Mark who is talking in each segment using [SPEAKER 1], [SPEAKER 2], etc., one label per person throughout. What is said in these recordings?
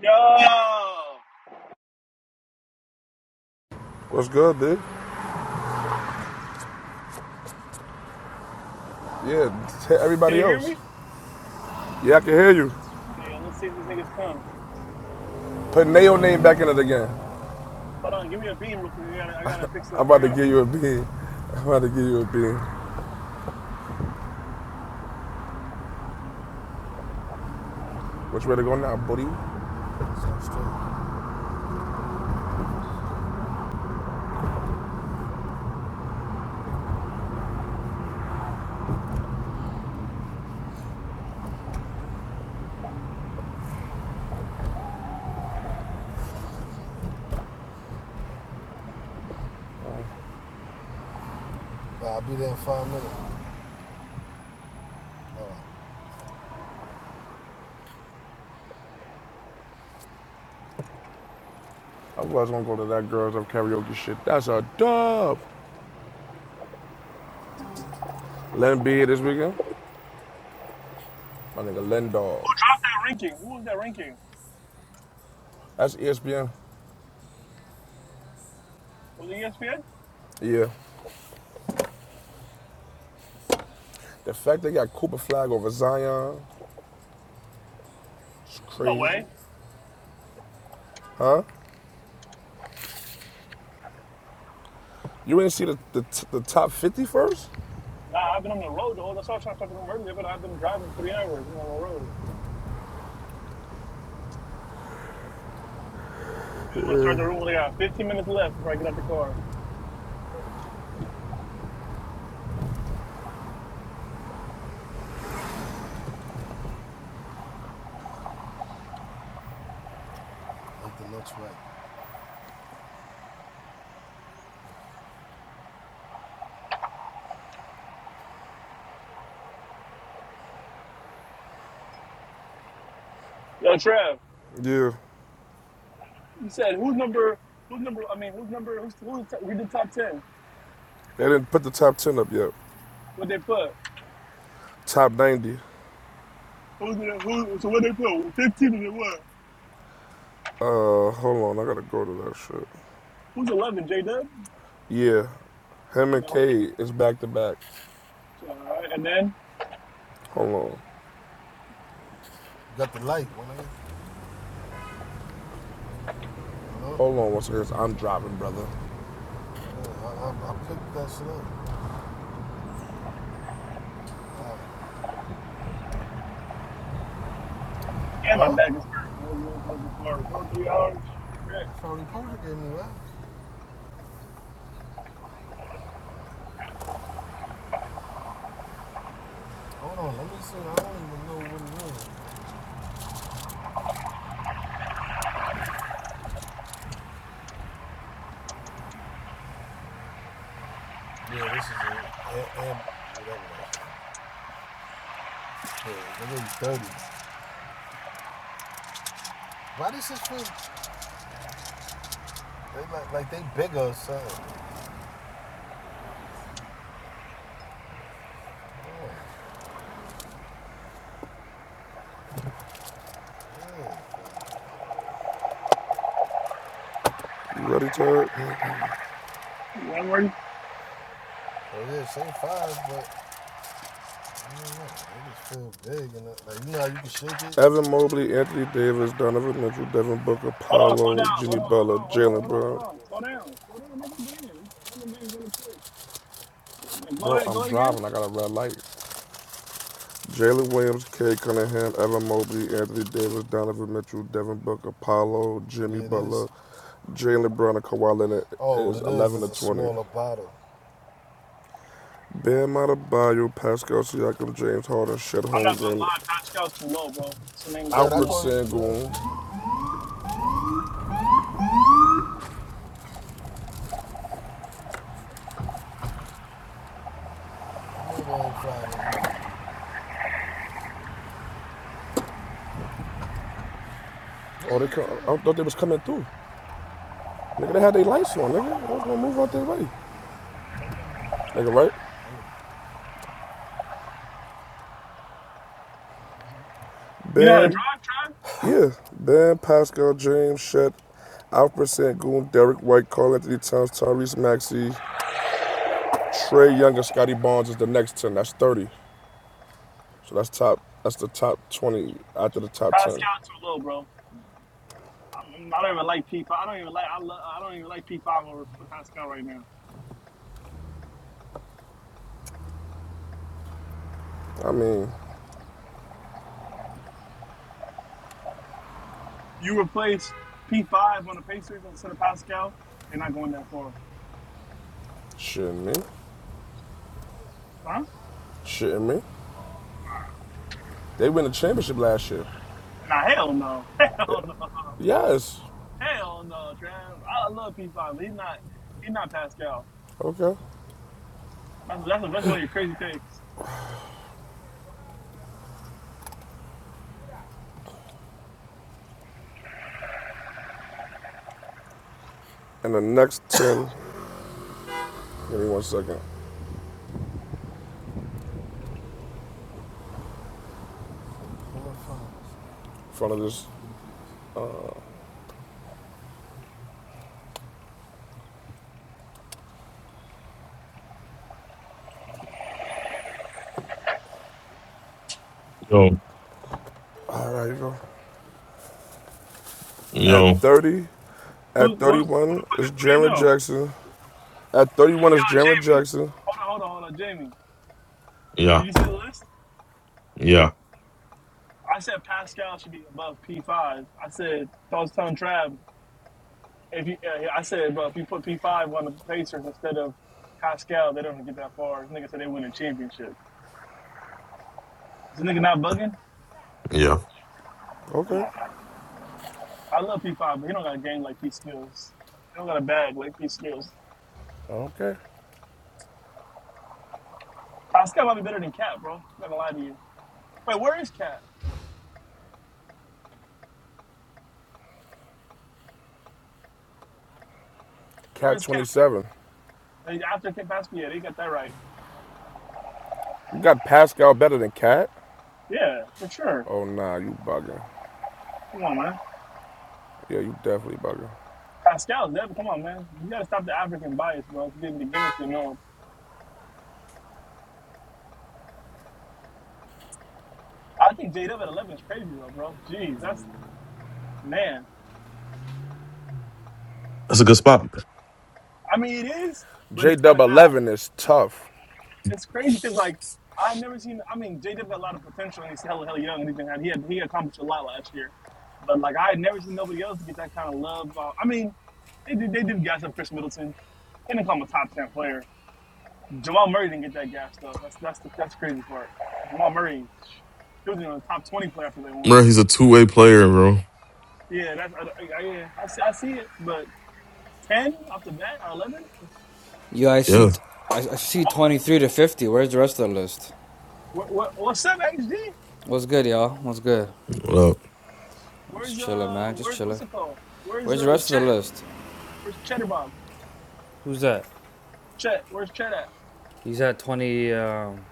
[SPEAKER 1] Yo!
[SPEAKER 2] What's good, dude? Yeah, tell
[SPEAKER 1] Can
[SPEAKER 2] everybody
[SPEAKER 1] you hear
[SPEAKER 2] else.
[SPEAKER 1] me?
[SPEAKER 2] Yeah, I can hear you.
[SPEAKER 1] Yeah, let's see if these niggas come.
[SPEAKER 2] Put Nayo name back in it again.
[SPEAKER 1] Hold on, give me a beam real quick. I gotta, I gotta fix it.
[SPEAKER 2] I'm
[SPEAKER 1] I
[SPEAKER 2] about to
[SPEAKER 1] gotta
[SPEAKER 2] give
[SPEAKER 1] fix
[SPEAKER 2] you a
[SPEAKER 1] it.
[SPEAKER 2] bean.
[SPEAKER 1] That
[SPEAKER 2] I'm about to give you a bean. Which way to go now, buddy? I was gonna go to that Girls Up karaoke shit. That's a dub. Len B here this weekend. My nigga Len Dog.
[SPEAKER 1] ranking. Who was that ranking?
[SPEAKER 2] That's ESPN.
[SPEAKER 1] Was it ESPN?
[SPEAKER 2] Yeah. The fact they got Cooper Flag over Zion is
[SPEAKER 1] No
[SPEAKER 2] crazy.
[SPEAKER 1] way.
[SPEAKER 2] Huh? You ain't see the, the, the top 50 first?
[SPEAKER 1] Nah, I've been on the road though. That's why I tried to start the room earlier, but I've been driving three hours and on the road. I want to start the room when I got 15 minutes left before I get out the car. Yo, Trev,
[SPEAKER 2] Yeah.
[SPEAKER 1] you said who's number? Who's number? I mean, who's number? Who's who's? We did top 10.
[SPEAKER 2] They didn't put the top 10 up yet.
[SPEAKER 1] What they put?
[SPEAKER 2] Top 90.
[SPEAKER 1] Who's the, who? So what they put? 15 and then what?
[SPEAKER 2] Uh, hold on, I gotta go to that shit.
[SPEAKER 1] Who's 11? J Dub.
[SPEAKER 2] Yeah, him and
[SPEAKER 1] No.
[SPEAKER 2] K is back to back.
[SPEAKER 1] All right, and then.
[SPEAKER 2] Hold on, hold on Once again, second. I'm driving, brother.
[SPEAKER 1] And my back is hurting. This motherfucking car. Bro, three hours. Shit.
[SPEAKER 2] You ready, Ted? I don't
[SPEAKER 1] You ain't ready?
[SPEAKER 2] Evan Mobley, Anthony Davis, Donovan Mitchell, Devin Booker,
[SPEAKER 1] Hold on, slow
[SPEAKER 2] Paolo,
[SPEAKER 1] down.
[SPEAKER 2] Jimmy
[SPEAKER 1] Hold on,
[SPEAKER 2] Butler,
[SPEAKER 1] hold on, hold on,
[SPEAKER 2] Jalen
[SPEAKER 1] hold on, hold
[SPEAKER 2] Brown.
[SPEAKER 1] on. Slow down. Slow down, nigga. Damn. These other niggas in the pit. Go
[SPEAKER 2] Bro,
[SPEAKER 1] ahead,
[SPEAKER 2] I'm
[SPEAKER 1] go ahead again.
[SPEAKER 2] driving. I got a red light. Jalen Williams, K Cunningham, Evan Mobley, Anthony Davis, Donovan Mitchell, Devin Booker, Paolo, Jimmy Butler, Jalen Brown and Kawhi Leonard. it was 11 to 20. Bam Adebayo, Pascal Siakam, James Harden, Shed
[SPEAKER 1] I'm not gonna
[SPEAKER 2] Holmgren,
[SPEAKER 1] lie, Pascal's too low, bro. What's the name is too
[SPEAKER 2] Alfred
[SPEAKER 1] low.
[SPEAKER 2] Sengun. Oh, they come, I thought they was coming through. Nigga, they had their lights on, nigga. I was gonna move out their way. Nigga, right?
[SPEAKER 1] You know how to
[SPEAKER 2] Bam,
[SPEAKER 1] drive, Try?
[SPEAKER 2] yeah. Bam, Pascal, James, Shed, Alfred Sengun, Derek White, Karl Anthony Towns, Tyrese Maxey, Trey Young, and Scotty Barnes is the next 10. That's 30. So that's top, that's the top 20 after the top 10.
[SPEAKER 1] Pascal too low, bro. I'm, I'm- I am i do not even like P5. I don't even like. I, love. I don't even like P5 over Pascal right now.
[SPEAKER 2] I mean,
[SPEAKER 1] You replace P5 on the Pacers instead of Pascal, they're not going that far,
[SPEAKER 2] Shitting me.
[SPEAKER 1] huh?
[SPEAKER 2] Shitting me. They win the championship last year.
[SPEAKER 1] Nah, hell no,
[SPEAKER 2] Yeah.
[SPEAKER 1] hell no.
[SPEAKER 2] Yes.
[SPEAKER 1] Hell no, Trav. I love P5, but he's not he's not Pascal.
[SPEAKER 2] Okay.
[SPEAKER 1] That's, that's, that's one of your crazy takes.
[SPEAKER 2] And the next 10, give me one second. In front of this.
[SPEAKER 3] Yo,
[SPEAKER 2] All right, you go. At
[SPEAKER 3] yo,
[SPEAKER 2] 30, at
[SPEAKER 1] Who's who's who the fuck
[SPEAKER 2] 31 is
[SPEAKER 1] is three and
[SPEAKER 2] Jared
[SPEAKER 1] zero?
[SPEAKER 2] Jackson. At 31 is
[SPEAKER 1] Yo,
[SPEAKER 2] Jared
[SPEAKER 1] Jamie.
[SPEAKER 2] Jackson.
[SPEAKER 1] Hold on, hold on, hold on, Jamie.
[SPEAKER 3] yeah,
[SPEAKER 1] Did you see the list?
[SPEAKER 3] yeah,
[SPEAKER 1] I said Pascal should be above P5. I said I was telling Trav if you uh, I said, but if you put P5 on the Pacers instead of Pascal, they don't get that far. This nigga said they win a championship. Is this nigga not bugging?
[SPEAKER 3] yeah.
[SPEAKER 1] Come
[SPEAKER 2] Okay.
[SPEAKER 1] on. I love P5, but he don't got a game like P skills. He don't got a bag like P skills.
[SPEAKER 2] Okay.
[SPEAKER 1] Pascal might be better than Cap, bro. I'm not gonna lie to you. Wait, where is Cap? Where
[SPEAKER 2] Cat
[SPEAKER 1] is Cap?
[SPEAKER 2] 27.
[SPEAKER 1] Hey, After Cap Pascal, yeah, they got that right.
[SPEAKER 2] You got Pascal better than Cat?
[SPEAKER 1] Yeah, for sure.
[SPEAKER 2] Oh, nah, you bugging.
[SPEAKER 1] Come on, man.
[SPEAKER 2] Yeah, you definitely bugging.
[SPEAKER 1] Pascal's never. Come on, man. You gotta stop the African bias, bro. It's getting the gimmicks to know. I think J Dub at 11 is crazy though, bro. Jeez, that's man.
[SPEAKER 3] That's a good spot,
[SPEAKER 1] I mean, it is, but it's kind of not.
[SPEAKER 2] JW11 is tough.
[SPEAKER 1] It's crazy because like I never seen. I mean, J Dub got a lot of potential, and he's hella hella young, and even had he had he accomplished a lot last year. But like I had never seen nobody else to get that kind of love. Uh, I mean, they did they did guys up Chris Middleton. and become a top ten player. Jamal Murray didn't get that gas though. That's that's the that's the crazy part. Jamal Murray, he was in the top twenty player after they won.
[SPEAKER 3] bro. He's a two way player, bro.
[SPEAKER 1] Yeah, that's I, I, yeah, I see, I see it. But ten off the bat or eleven?
[SPEAKER 4] Yo, I see.
[SPEAKER 3] Yeah.
[SPEAKER 4] T- I I see twenty-three to fifty. Where's the rest of the list?
[SPEAKER 1] What, what what's up, HD?
[SPEAKER 4] What's good, y'all? What's good?
[SPEAKER 3] What up?
[SPEAKER 4] I'm just
[SPEAKER 1] Where's
[SPEAKER 4] chilling,
[SPEAKER 1] uh
[SPEAKER 4] man. Just
[SPEAKER 1] where's
[SPEAKER 4] chilling.
[SPEAKER 1] what's it called? Where's
[SPEAKER 4] Where's
[SPEAKER 1] the
[SPEAKER 4] the
[SPEAKER 1] uh
[SPEAKER 4] rest of the
[SPEAKER 1] Chet?
[SPEAKER 4] list?
[SPEAKER 1] Where's Cheddar Bob?
[SPEAKER 4] Who's that?
[SPEAKER 1] Chet, where's Chet at?
[SPEAKER 4] He's at twenty. Um,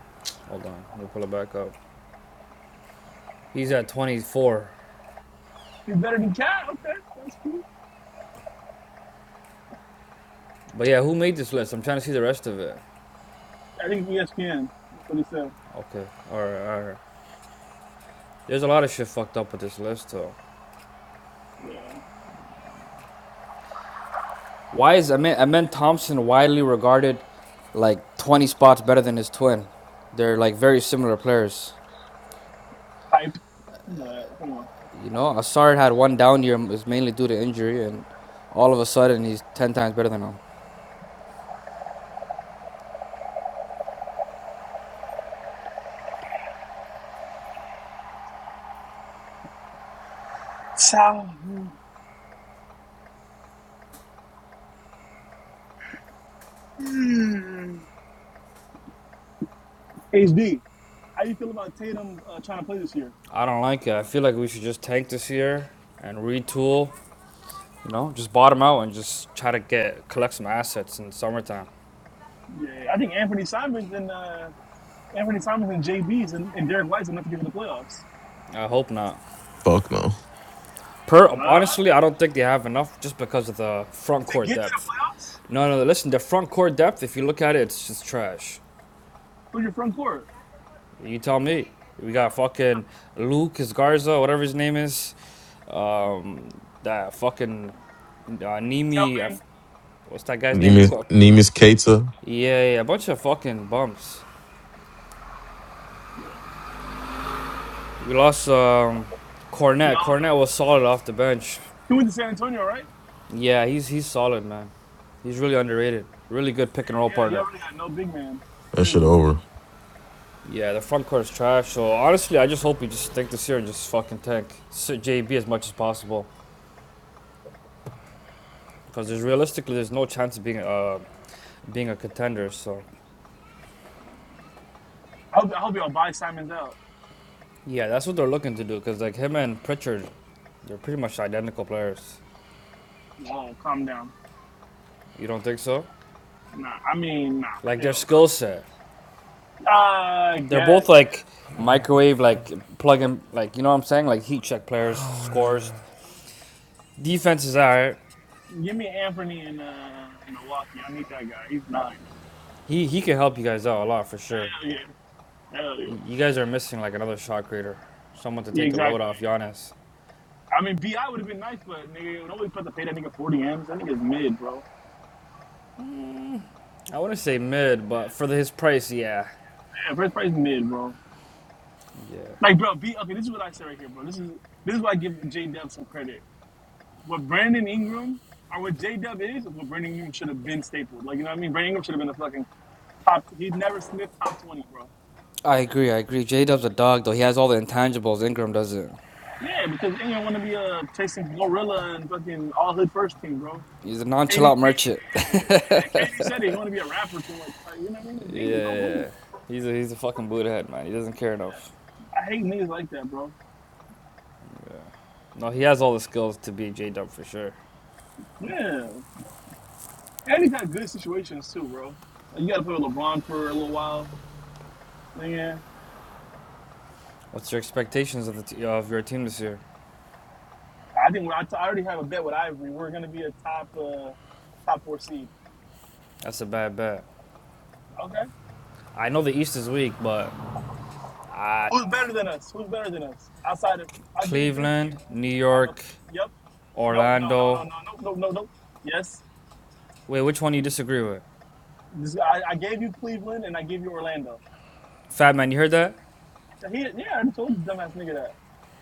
[SPEAKER 4] hold on. Let me pull it back up. He's at twenty-four.
[SPEAKER 1] He's better than Cat. Okay, that's cool.
[SPEAKER 4] But yeah, who made this list? I'm trying to see the rest of it.
[SPEAKER 1] I think ESPN. That's what he said.
[SPEAKER 4] Okay. All right. All right. There's a lot of shit fucked up with this list, though.
[SPEAKER 1] Yeah,
[SPEAKER 4] Why is Amen, Amen Thompson widely regarded like 20 spots better than his twin? They're like very similar players.
[SPEAKER 1] hype. You know that. Come on.
[SPEAKER 4] You know, Asard had one down year, is mainly due to injury, and all of a sudden he's 10 times better than him.
[SPEAKER 1] So, mm, HD. How you feel about Tatum uh, trying to play this year?
[SPEAKER 4] I don't like it. I feel like we should just tank this year and retool, you know, just bottom out and just try to get collect some assets in the summertime.
[SPEAKER 1] Yeah, I think Anthony Simons and uh, Anthony Simons and JB's and, and Derek White's enough to get to the playoffs.
[SPEAKER 4] I hope not.
[SPEAKER 3] Fuck no.
[SPEAKER 1] Uh,
[SPEAKER 4] Per honestly, I don't think they have enough just because of the front
[SPEAKER 1] to
[SPEAKER 4] court
[SPEAKER 1] get to the
[SPEAKER 4] depth.
[SPEAKER 1] playoffs?
[SPEAKER 4] No, no, listen, the front court depth, if you look at it, it's just trash.
[SPEAKER 1] Who's your front court?
[SPEAKER 4] You tell me. We got fucking Lucas Garza, whatever his name is. Um, that fucking uh, Nimi. I f-
[SPEAKER 1] Kelman.
[SPEAKER 4] what's that guy's name?
[SPEAKER 3] Nemus, Nemus Keita.
[SPEAKER 4] Yeah, yeah, a bunch of fucking bumps.
[SPEAKER 1] Yeah.
[SPEAKER 4] We lost um,
[SPEAKER 1] Yeah.
[SPEAKER 4] Cornette. Cornette was solid off the bench.
[SPEAKER 1] He went to San Antonio, right?
[SPEAKER 4] Yeah, he's he's solid, man. He's really underrated. Really good pick and roll
[SPEAKER 1] Yeah, y'all
[SPEAKER 4] partner.
[SPEAKER 1] really got no big man. That's
[SPEAKER 3] That shit
[SPEAKER 1] crazy.
[SPEAKER 3] over.
[SPEAKER 4] Yeah, the front court is trash. So honestly, I just hope we just stick this year and just fucking tank. JB as much as possible. because there's realistically there's no chance of being uh being a contender. So
[SPEAKER 1] I hope, I hope y'all buy Simons out.
[SPEAKER 4] yeah, that's what they're looking to do. Because like him and Pritchard, they're pretty much identical players.
[SPEAKER 1] Whoa, calm down.
[SPEAKER 4] You don't think so?
[SPEAKER 1] Nah, I mean, nah,
[SPEAKER 4] Like their
[SPEAKER 1] hell.
[SPEAKER 4] skill set,
[SPEAKER 1] no. I
[SPEAKER 4] they're both
[SPEAKER 1] guess.
[SPEAKER 4] like microwave, like plug in, like you know what I'm saying, like heat check players, scores, defense is alright.
[SPEAKER 1] Give me Anthony in uh, Milwaukee. I need that guy. He's nice.
[SPEAKER 4] He he can help you guys out a lot for sure.
[SPEAKER 1] Hell yeah. Hell yeah.
[SPEAKER 4] Y- you guys are missing like another shot creator, someone to
[SPEAKER 1] Yeah,
[SPEAKER 4] take the load
[SPEAKER 1] exactly.
[SPEAKER 4] off Giannis.
[SPEAKER 1] I mean, Bi would have been nice, but nigga, nobody put to pay that nigga forty m's. That nigga's mid, bro. Yeah,
[SPEAKER 4] I wouldn't say mid, but for the, his price, yeah,
[SPEAKER 1] first price mid, bro.
[SPEAKER 4] yeah.
[SPEAKER 1] Like, bro, B. Okay, this is what I say right here, bro. This is this is why I give J Dub some credit. What Brandon Ingram or what J Dub is is what Brandon Ingram should have been stapled. Like, you know what I mean? Brandon Ingram should have been the fucking top. He never sniffed top twenty, bro.
[SPEAKER 4] I agree. I agree. J Dub's a dog, though. He has all the intangibles. Ingram doesn't.
[SPEAKER 1] Yeah, because Ingram want to be uh chasing gorilla and fucking all hood first team, bro.
[SPEAKER 4] He's a non
[SPEAKER 1] KD, KD,
[SPEAKER 4] chill merchant.
[SPEAKER 1] yeah, yeah. KD said he want to be a rapper too much. Like, you know what I mean? Like, nigga, go who?
[SPEAKER 4] Yeah, he's a he's a fucking Buddha head, man. He doesn't care enough.
[SPEAKER 1] I hate niggas like that, bro.
[SPEAKER 4] Yeah, no, he has all the skills to be J Dub for sure.
[SPEAKER 1] Yeah. And he's had good situations too, bro. Like, you got to play with LeBron for a little while. Yeah,
[SPEAKER 4] What's your expectations of the t- of your team this year?
[SPEAKER 1] I think we're, t- I already have a bet with Ivory. We're gonna be a top uh, top four seed.
[SPEAKER 4] That's a bad bet.
[SPEAKER 1] Okay,
[SPEAKER 4] I know the East is weak, but uh,
[SPEAKER 1] who's better than us? Who's better than us? Outside of, I'll give you three
[SPEAKER 4] Cleveland,
[SPEAKER 1] teams.
[SPEAKER 4] New
[SPEAKER 1] I go.
[SPEAKER 4] York,
[SPEAKER 1] Yep. No. No. No. No.
[SPEAKER 4] Orlando.
[SPEAKER 1] No. No. No. No. No. Yes.
[SPEAKER 4] Wait, which one do you disagree with?
[SPEAKER 1] This, I, I gave you Cleveland and I gave you Orlando.
[SPEAKER 4] Fat man, you heard that?
[SPEAKER 1] He, yeah, I just told this dumbass nigga that.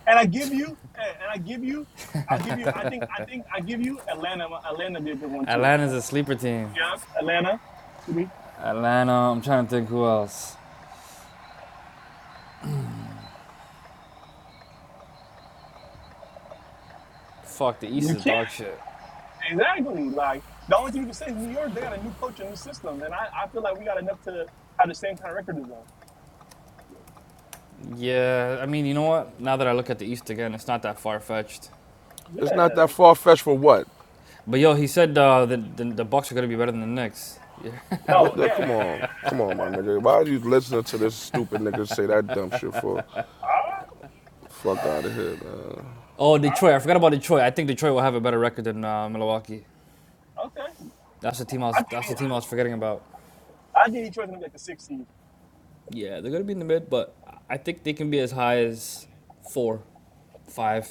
[SPEAKER 1] And I give you, eh, and I give you, I'll give you. I think, I think, I give you Atlanta. Atlanta be a good one too.
[SPEAKER 4] Atlanta's a sleeper team.
[SPEAKER 1] Yup, Atlanta. You
[SPEAKER 4] Atlanta. I'm trying to think who else. Fuck, the East is
[SPEAKER 1] can't
[SPEAKER 4] dog shit.
[SPEAKER 1] exactly like the only thing you can say is New York. They got a new coach, and new system, and I, I feel like we got enough to have the same kind of record as them.
[SPEAKER 4] Yeah, I mean, you know what? Now that I look at the East again, it's not that far fetched.
[SPEAKER 2] It's not that
[SPEAKER 1] Yeah.
[SPEAKER 2] far fetched for what?
[SPEAKER 4] But yo, he said uh, the, the the Bucks are gonna be better than the Knicks. Yeah.
[SPEAKER 2] What
[SPEAKER 1] No.
[SPEAKER 2] the?
[SPEAKER 1] Yeah.
[SPEAKER 2] Come on, come on, my
[SPEAKER 1] Yeah.
[SPEAKER 2] nigga. Why are you listening to this stupid nigga say that dumb shit for?
[SPEAKER 1] All right. All
[SPEAKER 2] Fuck out
[SPEAKER 1] right.
[SPEAKER 2] of here, man.
[SPEAKER 4] Oh, Detroit! I forgot
[SPEAKER 1] All
[SPEAKER 4] about Detroit. I think Detroit will have a better record than uh, Milwaukee.
[SPEAKER 1] right. Okay.
[SPEAKER 4] That's the team I was.
[SPEAKER 1] I
[SPEAKER 4] That's the
[SPEAKER 1] think the,
[SPEAKER 4] team I was forgetting about.
[SPEAKER 1] I think Detroit's gonna get the six seed.
[SPEAKER 4] Yeah, they're gonna be in the mid, but I think they can be as high as four, five.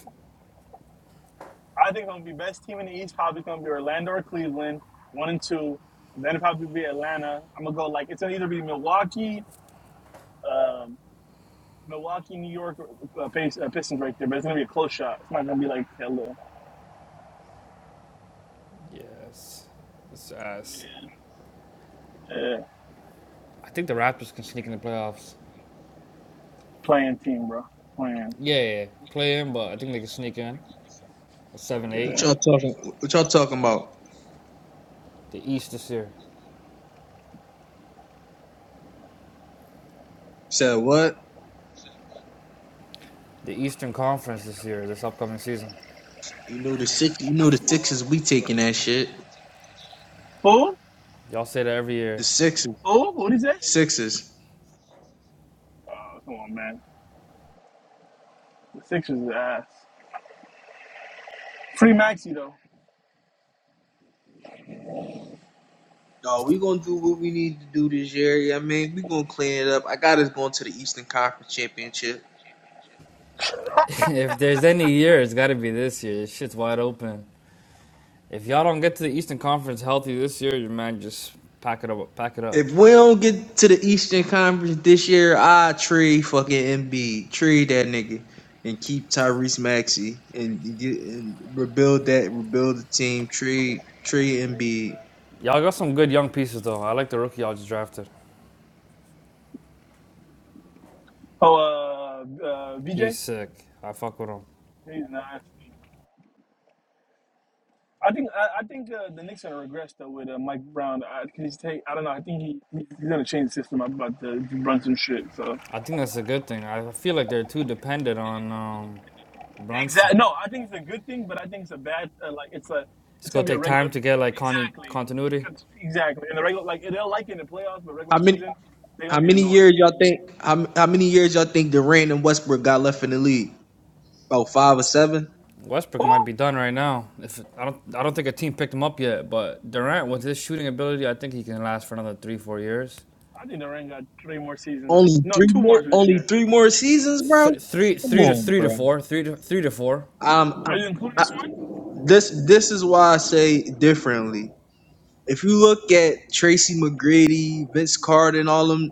[SPEAKER 1] I think it's gonna be best team in the East. Probably gonna be Orlando or Cleveland, one and two. Then it'll probably be Atlanta. I'm gonna go like it's gonna either be Milwaukee, um, Milwaukee, New York, or, uh, uh, Pistons right there, but it's gonna be a close shot. It's not gonna be like hello.
[SPEAKER 4] Yes, it's ass.
[SPEAKER 1] Yeah.
[SPEAKER 4] I think the Raptors can sneak in the playoffs.
[SPEAKER 1] Playing team, bro. Playing.
[SPEAKER 4] Yeah, yeah, yeah. play in, but I think they can sneak in. Seven, eight.
[SPEAKER 5] What
[SPEAKER 1] Yeah.
[SPEAKER 5] y'all talking? What y'all talking about?
[SPEAKER 4] The East this year.
[SPEAKER 5] Said what?
[SPEAKER 4] the Eastern Conference this year, this upcoming season.
[SPEAKER 5] You know the six. You know the sixes. We taking that shit.
[SPEAKER 1] Who?
[SPEAKER 4] Y'all say that every
[SPEAKER 5] The
[SPEAKER 4] year.
[SPEAKER 5] sixes.
[SPEAKER 1] Who? What'd he say?
[SPEAKER 5] Sixes.
[SPEAKER 1] Oh, come on, man. The Sixers is ass. Free Maxi though.
[SPEAKER 5] No, we gonna do what we need to do this year. Yeah, I mean, we gonna clean it up. I got us going to the Eastern Conference Championship.
[SPEAKER 4] if there's any year, it's got to be this year. This shit's wide open. If y'all don't get to the Eastern Conference healthy this year, your man just pack it up. Pack it up.
[SPEAKER 5] If we don't get to the Eastern Conference this year, I trade fucking Embiid. trade that nigga, and keep Tyrese Maxey and get and rebuild that, rebuild the team, trade trade MB.
[SPEAKER 4] Y'all got some good young pieces though. I like the rookie y'all just drafted.
[SPEAKER 1] Oh, uh, uh,
[SPEAKER 4] He's
[SPEAKER 1] VJ.
[SPEAKER 4] sick. I fuck with him.
[SPEAKER 1] He's nasty. I think I, I think uh, the Knicks are gonna regress though with uh, Mike Brown. I, can he take? I don't know. I think he he's gonna change the system about the Brunson shit. So
[SPEAKER 4] I think that's a good thing. I feel like they're too dependent on um, Brunson.
[SPEAKER 1] Exactly. No, I think it's a good thing, but I think it's a bad. Uh, like it's a,
[SPEAKER 4] It's
[SPEAKER 1] it's
[SPEAKER 4] gonna
[SPEAKER 1] gonna be a
[SPEAKER 4] take
[SPEAKER 1] regular.
[SPEAKER 4] time to get like con-
[SPEAKER 1] Exactly.
[SPEAKER 4] continuity.
[SPEAKER 1] Cont- Exactly. And the regular, like they'll like it in the playoffs, but regular season, they're
[SPEAKER 5] How
[SPEAKER 1] gonna be
[SPEAKER 5] many
[SPEAKER 1] annoyed.
[SPEAKER 5] years y'all think? How, how many years y'all think Durant and Westbrook got left in the league? About five or seven.
[SPEAKER 4] Westbrook might
[SPEAKER 1] Oh,
[SPEAKER 4] be done right now. If I don't, I don't think a team picked him up yet. But Durant, with his shooting ability, I think he can last for another three, four years.
[SPEAKER 1] I think the Rangers got three more seasons. after-
[SPEAKER 5] Only
[SPEAKER 1] No,
[SPEAKER 5] three
[SPEAKER 1] two more
[SPEAKER 5] more.
[SPEAKER 1] for this
[SPEAKER 5] Only
[SPEAKER 1] year.
[SPEAKER 5] three more seasons, bro.
[SPEAKER 4] Th- three,
[SPEAKER 5] Come
[SPEAKER 4] three to
[SPEAKER 5] on,
[SPEAKER 4] three to
[SPEAKER 5] bro.
[SPEAKER 4] four, three to three to four.
[SPEAKER 5] Um,
[SPEAKER 1] Are you
[SPEAKER 5] I,
[SPEAKER 1] including
[SPEAKER 5] I,
[SPEAKER 1] this one?
[SPEAKER 5] this this is why I say differently. If you look at Tracy McGrady, Vince Carter, and all them,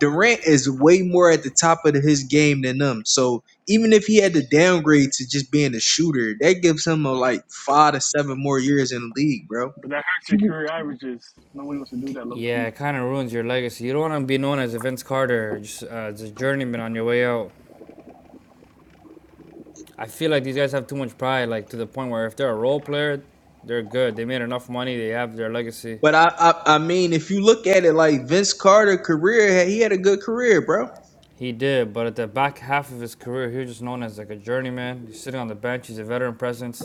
[SPEAKER 5] Durant is way more at the top of his game than them. So even if he had to downgrade to just being a shooter, that gives him a, like five to seven more years in the league, bro
[SPEAKER 1] But that hurts your
[SPEAKER 5] People.
[SPEAKER 1] career averages. Nobody wants to do that, low
[SPEAKER 4] Yeah,
[SPEAKER 1] key.
[SPEAKER 4] it kind of ruins your legacy. You don't want to be known as a Vince Carter, just uh, as a journeyman on your way out. I feel like these guys have too much pride, like to the point where if they're a role player, they're good. They made enough money. They have their legacy.
[SPEAKER 5] But I, I, I mean, if you look at it like Vince Carter career, he had a good career, bro.
[SPEAKER 4] He did, but at the back half of his career, he was just known as like a journeyman. He's sitting on the bench. He's a veteran presence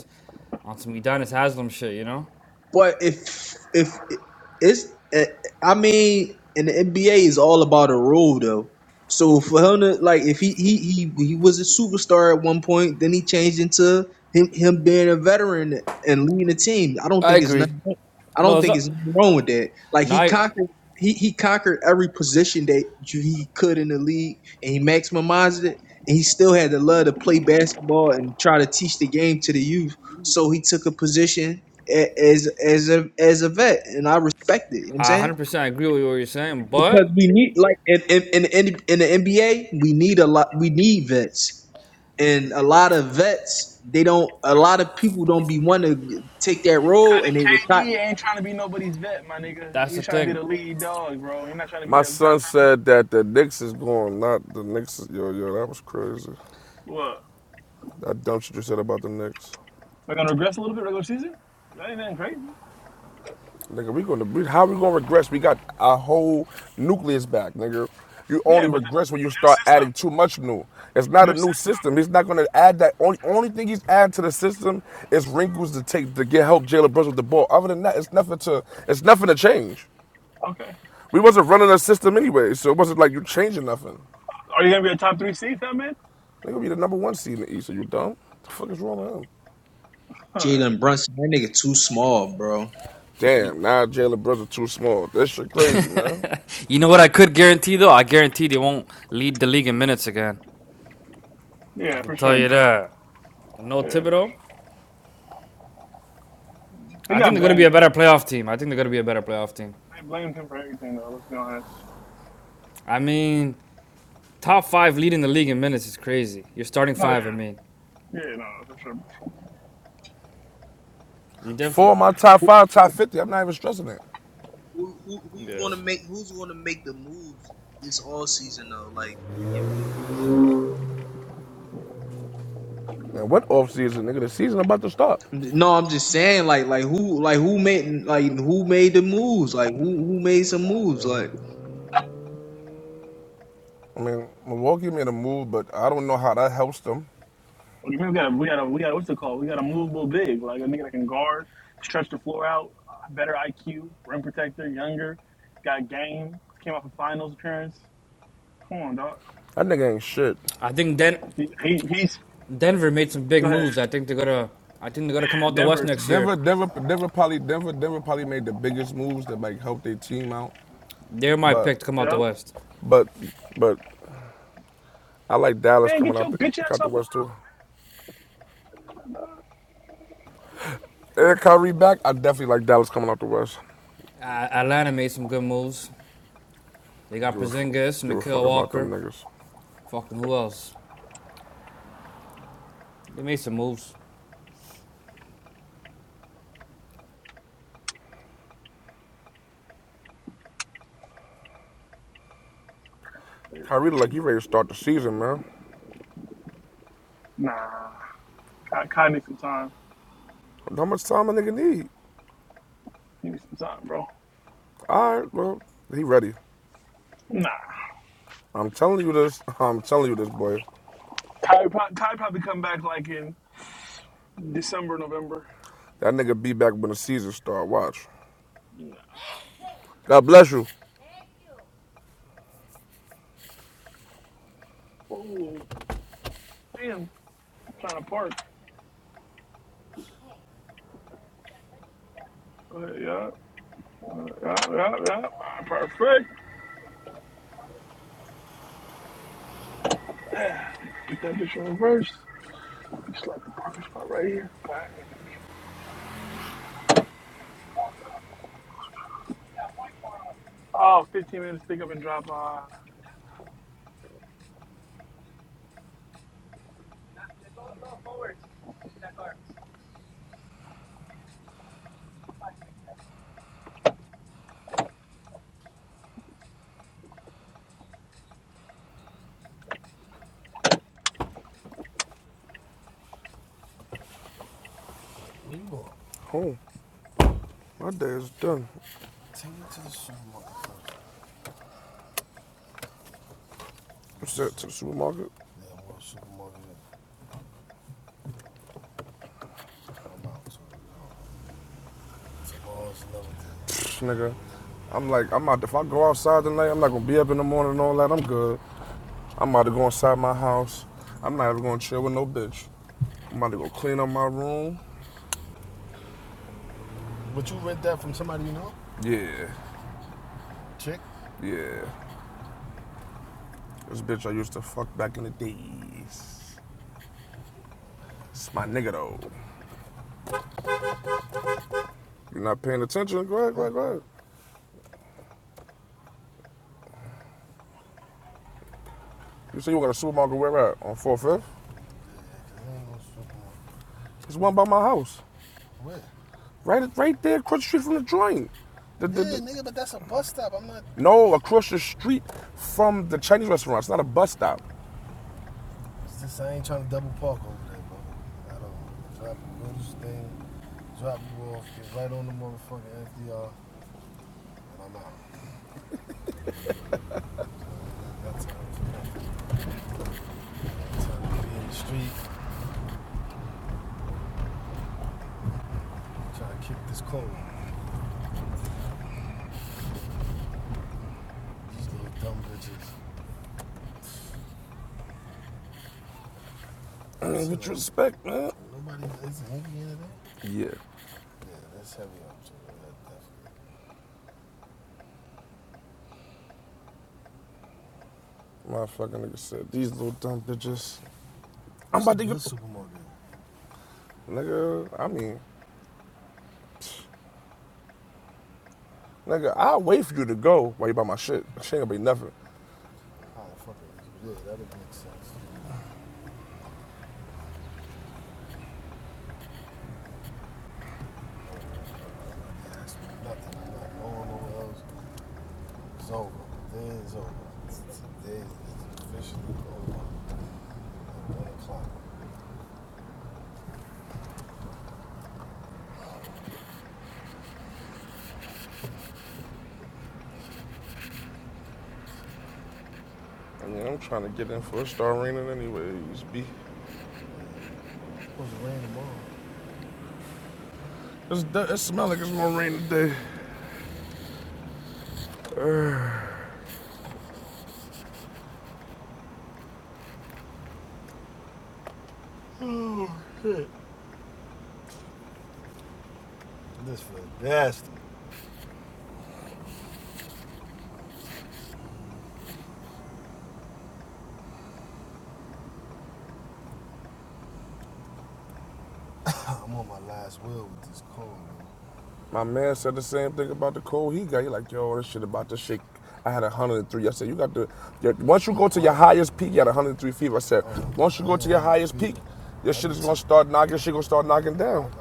[SPEAKER 4] on some Udonis Haslam shit, you know?
[SPEAKER 5] But if if it's, eh, I mean, and the NBA is all about a role though. So for him to like, if he he he he was a superstar at one point, then he changed into him him being a veteran and leading a team. I don't
[SPEAKER 4] I
[SPEAKER 5] think it's
[SPEAKER 4] agree.
[SPEAKER 5] nothing. I
[SPEAKER 4] No,
[SPEAKER 5] don't
[SPEAKER 4] it's
[SPEAKER 5] think it's
[SPEAKER 4] not.
[SPEAKER 5] nothing wrong with that. Like
[SPEAKER 4] No,
[SPEAKER 5] he
[SPEAKER 4] I,
[SPEAKER 5] conquered. He, he conquered every position that you- he could in the league, and he maximized it. And he still had the love to play basketball and try to teach the game to the youth. So he took a position a- as as a as a vet, and I respect it. You know what I'm
[SPEAKER 4] I
[SPEAKER 5] saying
[SPEAKER 4] 100% agree with what you're saying, but
[SPEAKER 5] because we need like in in in, in, in the NBA, we need a lot. We need vets, and a lot of vets they don't. A lot of people don't be want to take that role, and they
[SPEAKER 1] Cutting
[SPEAKER 5] retire.
[SPEAKER 1] KD ain't trying to be nobody's vet, my nigga.
[SPEAKER 4] that's the
[SPEAKER 1] He's trying to be
[SPEAKER 4] thing.
[SPEAKER 1] the lead dog, bro. You're not trying to be
[SPEAKER 2] My
[SPEAKER 1] the. You're not
[SPEAKER 2] son
[SPEAKER 1] trying to.
[SPEAKER 2] said that the Knicks is going, not the Knicks. is- Yo, yo, that was crazy.
[SPEAKER 1] What?
[SPEAKER 2] That dumb shit you said about the Knicks,
[SPEAKER 1] We're gonna regress a little bit regular season. That ain't nothing crazy.
[SPEAKER 2] nigga. We gonna, we, how we gonna regress? We got our whole nucleus back, nigga. You
[SPEAKER 1] Yeah,
[SPEAKER 2] only
[SPEAKER 1] but the
[SPEAKER 2] regress when you
[SPEAKER 1] new
[SPEAKER 2] start
[SPEAKER 1] system.
[SPEAKER 2] adding too much new. It's not a
[SPEAKER 1] New
[SPEAKER 2] new
[SPEAKER 1] system.
[SPEAKER 2] system. He's not gonna add that. Only, only thing he's adding to the system is wrinkles to take to get help Jalen Brunson with the ball. Other than that, it's nothing to, it's nothing to change.
[SPEAKER 1] Okay.
[SPEAKER 2] We wasn't running a system anyway, so it wasn't like you changing nothing.
[SPEAKER 1] Are you gonna be a top three seed, that man?
[SPEAKER 2] They gonna be the number one seed in the East. Are you dumb? What The fuck is wrong with him?
[SPEAKER 1] Alright.
[SPEAKER 5] Jalen Brunson, that nigga too small, bro.
[SPEAKER 4] you
[SPEAKER 2] Damn, now Jalen Brunson too small. That shit crazy, man.
[SPEAKER 4] know what I could guarantee though? I guarantee they won't lead the league in minutes again. I
[SPEAKER 1] Yeah,
[SPEAKER 4] can
[SPEAKER 1] for
[SPEAKER 4] tell
[SPEAKER 1] sure.
[SPEAKER 4] you
[SPEAKER 1] Duh.
[SPEAKER 4] that. No
[SPEAKER 1] Yeah.
[SPEAKER 4] Thibodeau.
[SPEAKER 1] He
[SPEAKER 4] I think
[SPEAKER 1] got
[SPEAKER 4] they're going to be
[SPEAKER 1] blamed
[SPEAKER 4] a better
[SPEAKER 1] though.
[SPEAKER 4] playoff team. I think they're going to be a better playoff team.
[SPEAKER 1] They blamed him for everything though. Let's be honest.
[SPEAKER 4] I mean, top five leading the league in minutes is crazy. You're starting
[SPEAKER 1] No, yeah,
[SPEAKER 4] five, I mean.
[SPEAKER 1] yeah, no, for sure.
[SPEAKER 4] You
[SPEAKER 2] Four of
[SPEAKER 4] definitely.
[SPEAKER 2] my top
[SPEAKER 5] Who,
[SPEAKER 2] five, top fifty. I'm not even stressing that.
[SPEAKER 5] who, who- who's
[SPEAKER 4] Yeah.
[SPEAKER 5] gonna make Who's gonna make the moves this all season though? Like making big pieces.
[SPEAKER 2] And what offseason, nigga? The season about to start.
[SPEAKER 5] No, I'm just saying, like, like who, like who made, like who made the moves? Like who, who made some moves? Like.
[SPEAKER 2] I mean, Milwaukee made a move, but I don't know how that helps them.
[SPEAKER 1] Like, we got, we got, a, we got, what's it called? We got a movable big, like a nigga that can guard, stretch the floor out, better IQ, rim protector, younger, got game. Came off a finals appearance. Come on, dog.
[SPEAKER 2] That nigga ain't shit.
[SPEAKER 4] I think Den-
[SPEAKER 1] He, he he's
[SPEAKER 4] Denver made some big
[SPEAKER 1] go ahead.
[SPEAKER 4] moves. I think they're going to. I think they're gonna come
[SPEAKER 1] Yeah,
[SPEAKER 4] out the West
[SPEAKER 1] Denver
[SPEAKER 4] next
[SPEAKER 1] too.
[SPEAKER 4] year
[SPEAKER 2] Denver, Denver, Denver probably Denver, Denver probably made the biggest moves that like helped their team out.
[SPEAKER 4] They're my
[SPEAKER 2] But,
[SPEAKER 4] pick to come out the
[SPEAKER 1] Yep.
[SPEAKER 4] West.
[SPEAKER 2] but, but I like Dallas
[SPEAKER 1] Man,
[SPEAKER 2] coming
[SPEAKER 1] get
[SPEAKER 2] out
[SPEAKER 1] your
[SPEAKER 2] the,
[SPEAKER 1] bitch ass
[SPEAKER 2] out the
[SPEAKER 1] off the.
[SPEAKER 2] West too. Eric Kyrie back, I definitely like Dallas coming out the West.
[SPEAKER 4] Atlanta made some good moves. They got
[SPEAKER 2] Give a fuck,
[SPEAKER 4] Porzingis, and
[SPEAKER 2] give a
[SPEAKER 4] Nikhil
[SPEAKER 2] fuck about them
[SPEAKER 4] Walker,
[SPEAKER 2] niggas.
[SPEAKER 4] fucking who else? They made some moves.
[SPEAKER 1] They're
[SPEAKER 2] Kyrie look
[SPEAKER 1] Crazy.
[SPEAKER 2] like he ready to start the season, man.
[SPEAKER 1] Nah, Kai, Kai needs some time.
[SPEAKER 2] How much time a nigga need?
[SPEAKER 1] Give me some time, bro.
[SPEAKER 2] All right, well, he ready.
[SPEAKER 1] Nah.
[SPEAKER 2] I'm telling you this. I'm telling you this, boy.
[SPEAKER 1] Kai, pro- Kai probably come back like in December, November.
[SPEAKER 2] That nigga be back when the season start. Watch.
[SPEAKER 1] Nah.
[SPEAKER 2] God bless you.
[SPEAKER 1] Oh, damn. I'm trying to park. Go ahead, yeah. Uh, yeah, yeah, yeah. Perfect. Get that bitch in reverse. Just like the parking spot right here. Bang. Oh, 15 minutes pick up and drop off.
[SPEAKER 2] Oh, my day is done. I'm set to the supermarket. Pfft, nigga, I'm like, I'm out. If I go outside tonight, I'm not gonna be up in the morning and all that. I'm good. I'm about to go inside my house. I'm not even gonna chill with no bitch. I'm about to go clean up my room. Yeah, yeah. This bitch I used to fuck back in the days. It's my nigga though. You're not paying attention? Go ahead, go ahead, go ahead. You say you got a supermarket where at? On 4th, 5th? There's one by my house. Right right there across the street from the joint. The- the- the- no, across the street from the Chinese restaurant. It's not a bus stop. with respect, man. Yeah. Motherfucking nigga said, these little dumb bitches. I'm about to the Nigga, I mean, nigga, I'll wait for you to go while you buy my shit. She ain't gonna be nothing. I mean, I'm trying to get in for a star raining anyways, B. It's, du- it smell like it's gonna rain today. Uh, my man said the same thing about the cold he got. He like, yo, this shit about to shake. I had 103. I said, you got the. your- once you go to your highest peak, you had 103 fever. I said, once you go to your highest peak, your shit is gonna start knocking, shit gonna start knocking down.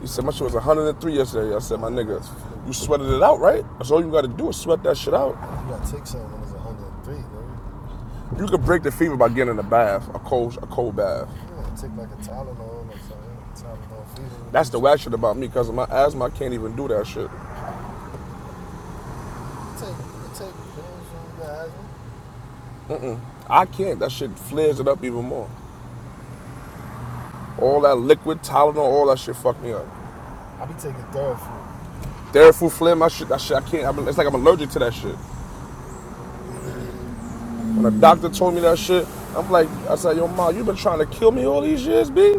[SPEAKER 2] He said my shit was 103 yesterday. I said, my nigga, you sweated it out, right? That's all you got to do is sweat that shit out. You could break the fever by getting in a bath, a cold, a cold bath. That's the whack shit about me, cause of my asthma. I can't even do that shit. I can't. That shit flares it up even more. All that liquid Tylenol, all that shit fucked me up. Therefore, flare my shit. That shit, I can't. I'm, it's like I'm allergic to that shit. When a doctor told me that shit, I'm like, I said, yo, ma, you been trying to kill me all these years, b.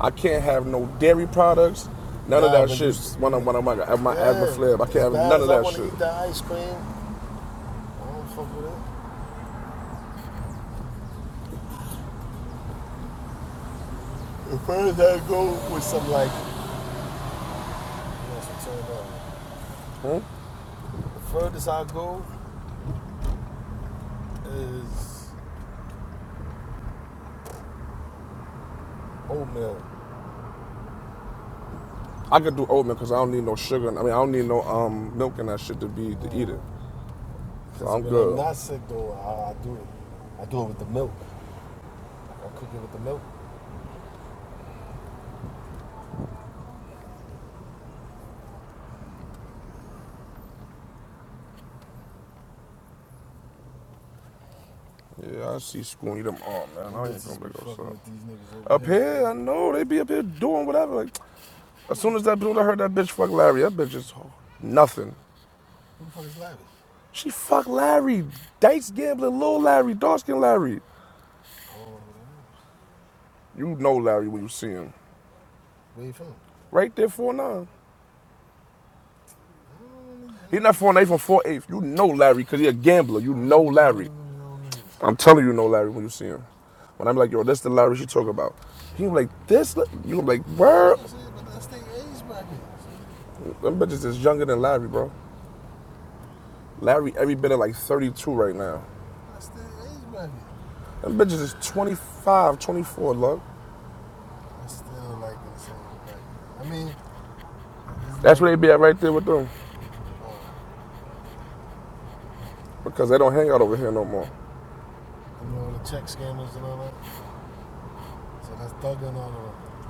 [SPEAKER 2] I can't have no dairy products. None of that shit. you- When I'm when I'm at my asthma flare, I can't have none of that shit. I want to Hmm? I could do oatmeal because I don't need no sugar. I mean, I don't need no um milk and that shit to be to eat it. So I'm good. Yeah, I see school eat them all, man. I ain't gonna make outside. Up here, here, I know they be up here doing whatever. Like, as soon as that dude, I heard that bitch fuck Larry. That bitch is nothing. She fucked Larry. Dice gambling, little Larry, dark skin Larry. You know Larry when you see him. Right there, four nine. He not 4'9, he from four eight. You know Larry because he a gambler. You know Larry. I'm telling you, you know Larry when you see him. When I'm like, yo, that's the Larry she talk about. He was like, this? You was like, where? Them bitches is younger than Larry, bro. Larry every bit of like 32 right now. Them bitches is 25, 24, love. That's where they be at right there with them. Because they don't hang out over here no more.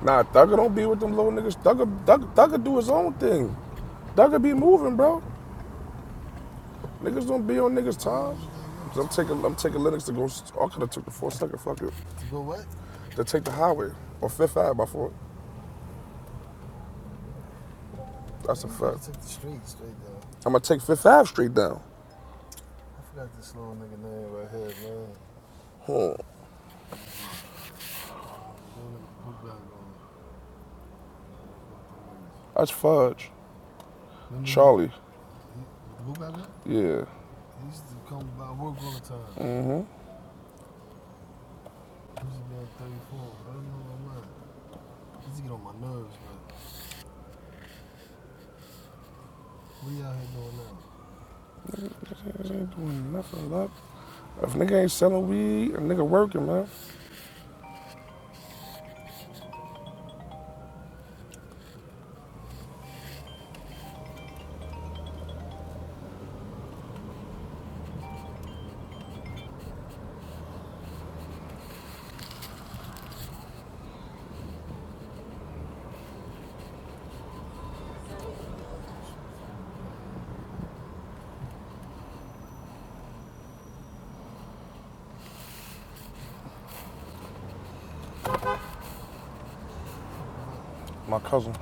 [SPEAKER 2] Nah, Thugger don't be with them little niggas. Thugger, Thugger, Thugger do his own thing. Thugger be moving, bro. Niggas don't be on niggas' time. So I'm taking, I'm taking Linux to go. I could have took the four second fuck it to take the highway or Fifth Ave by four. That's a You fact. I'm gonna take Fifth Ave straight down. Huh. That's fudge. Mm-hmm. Charlie. Yeah. Niggas ain't doing nothing, love. If nigga ain't selling weed, a nigga working, man. My cousin.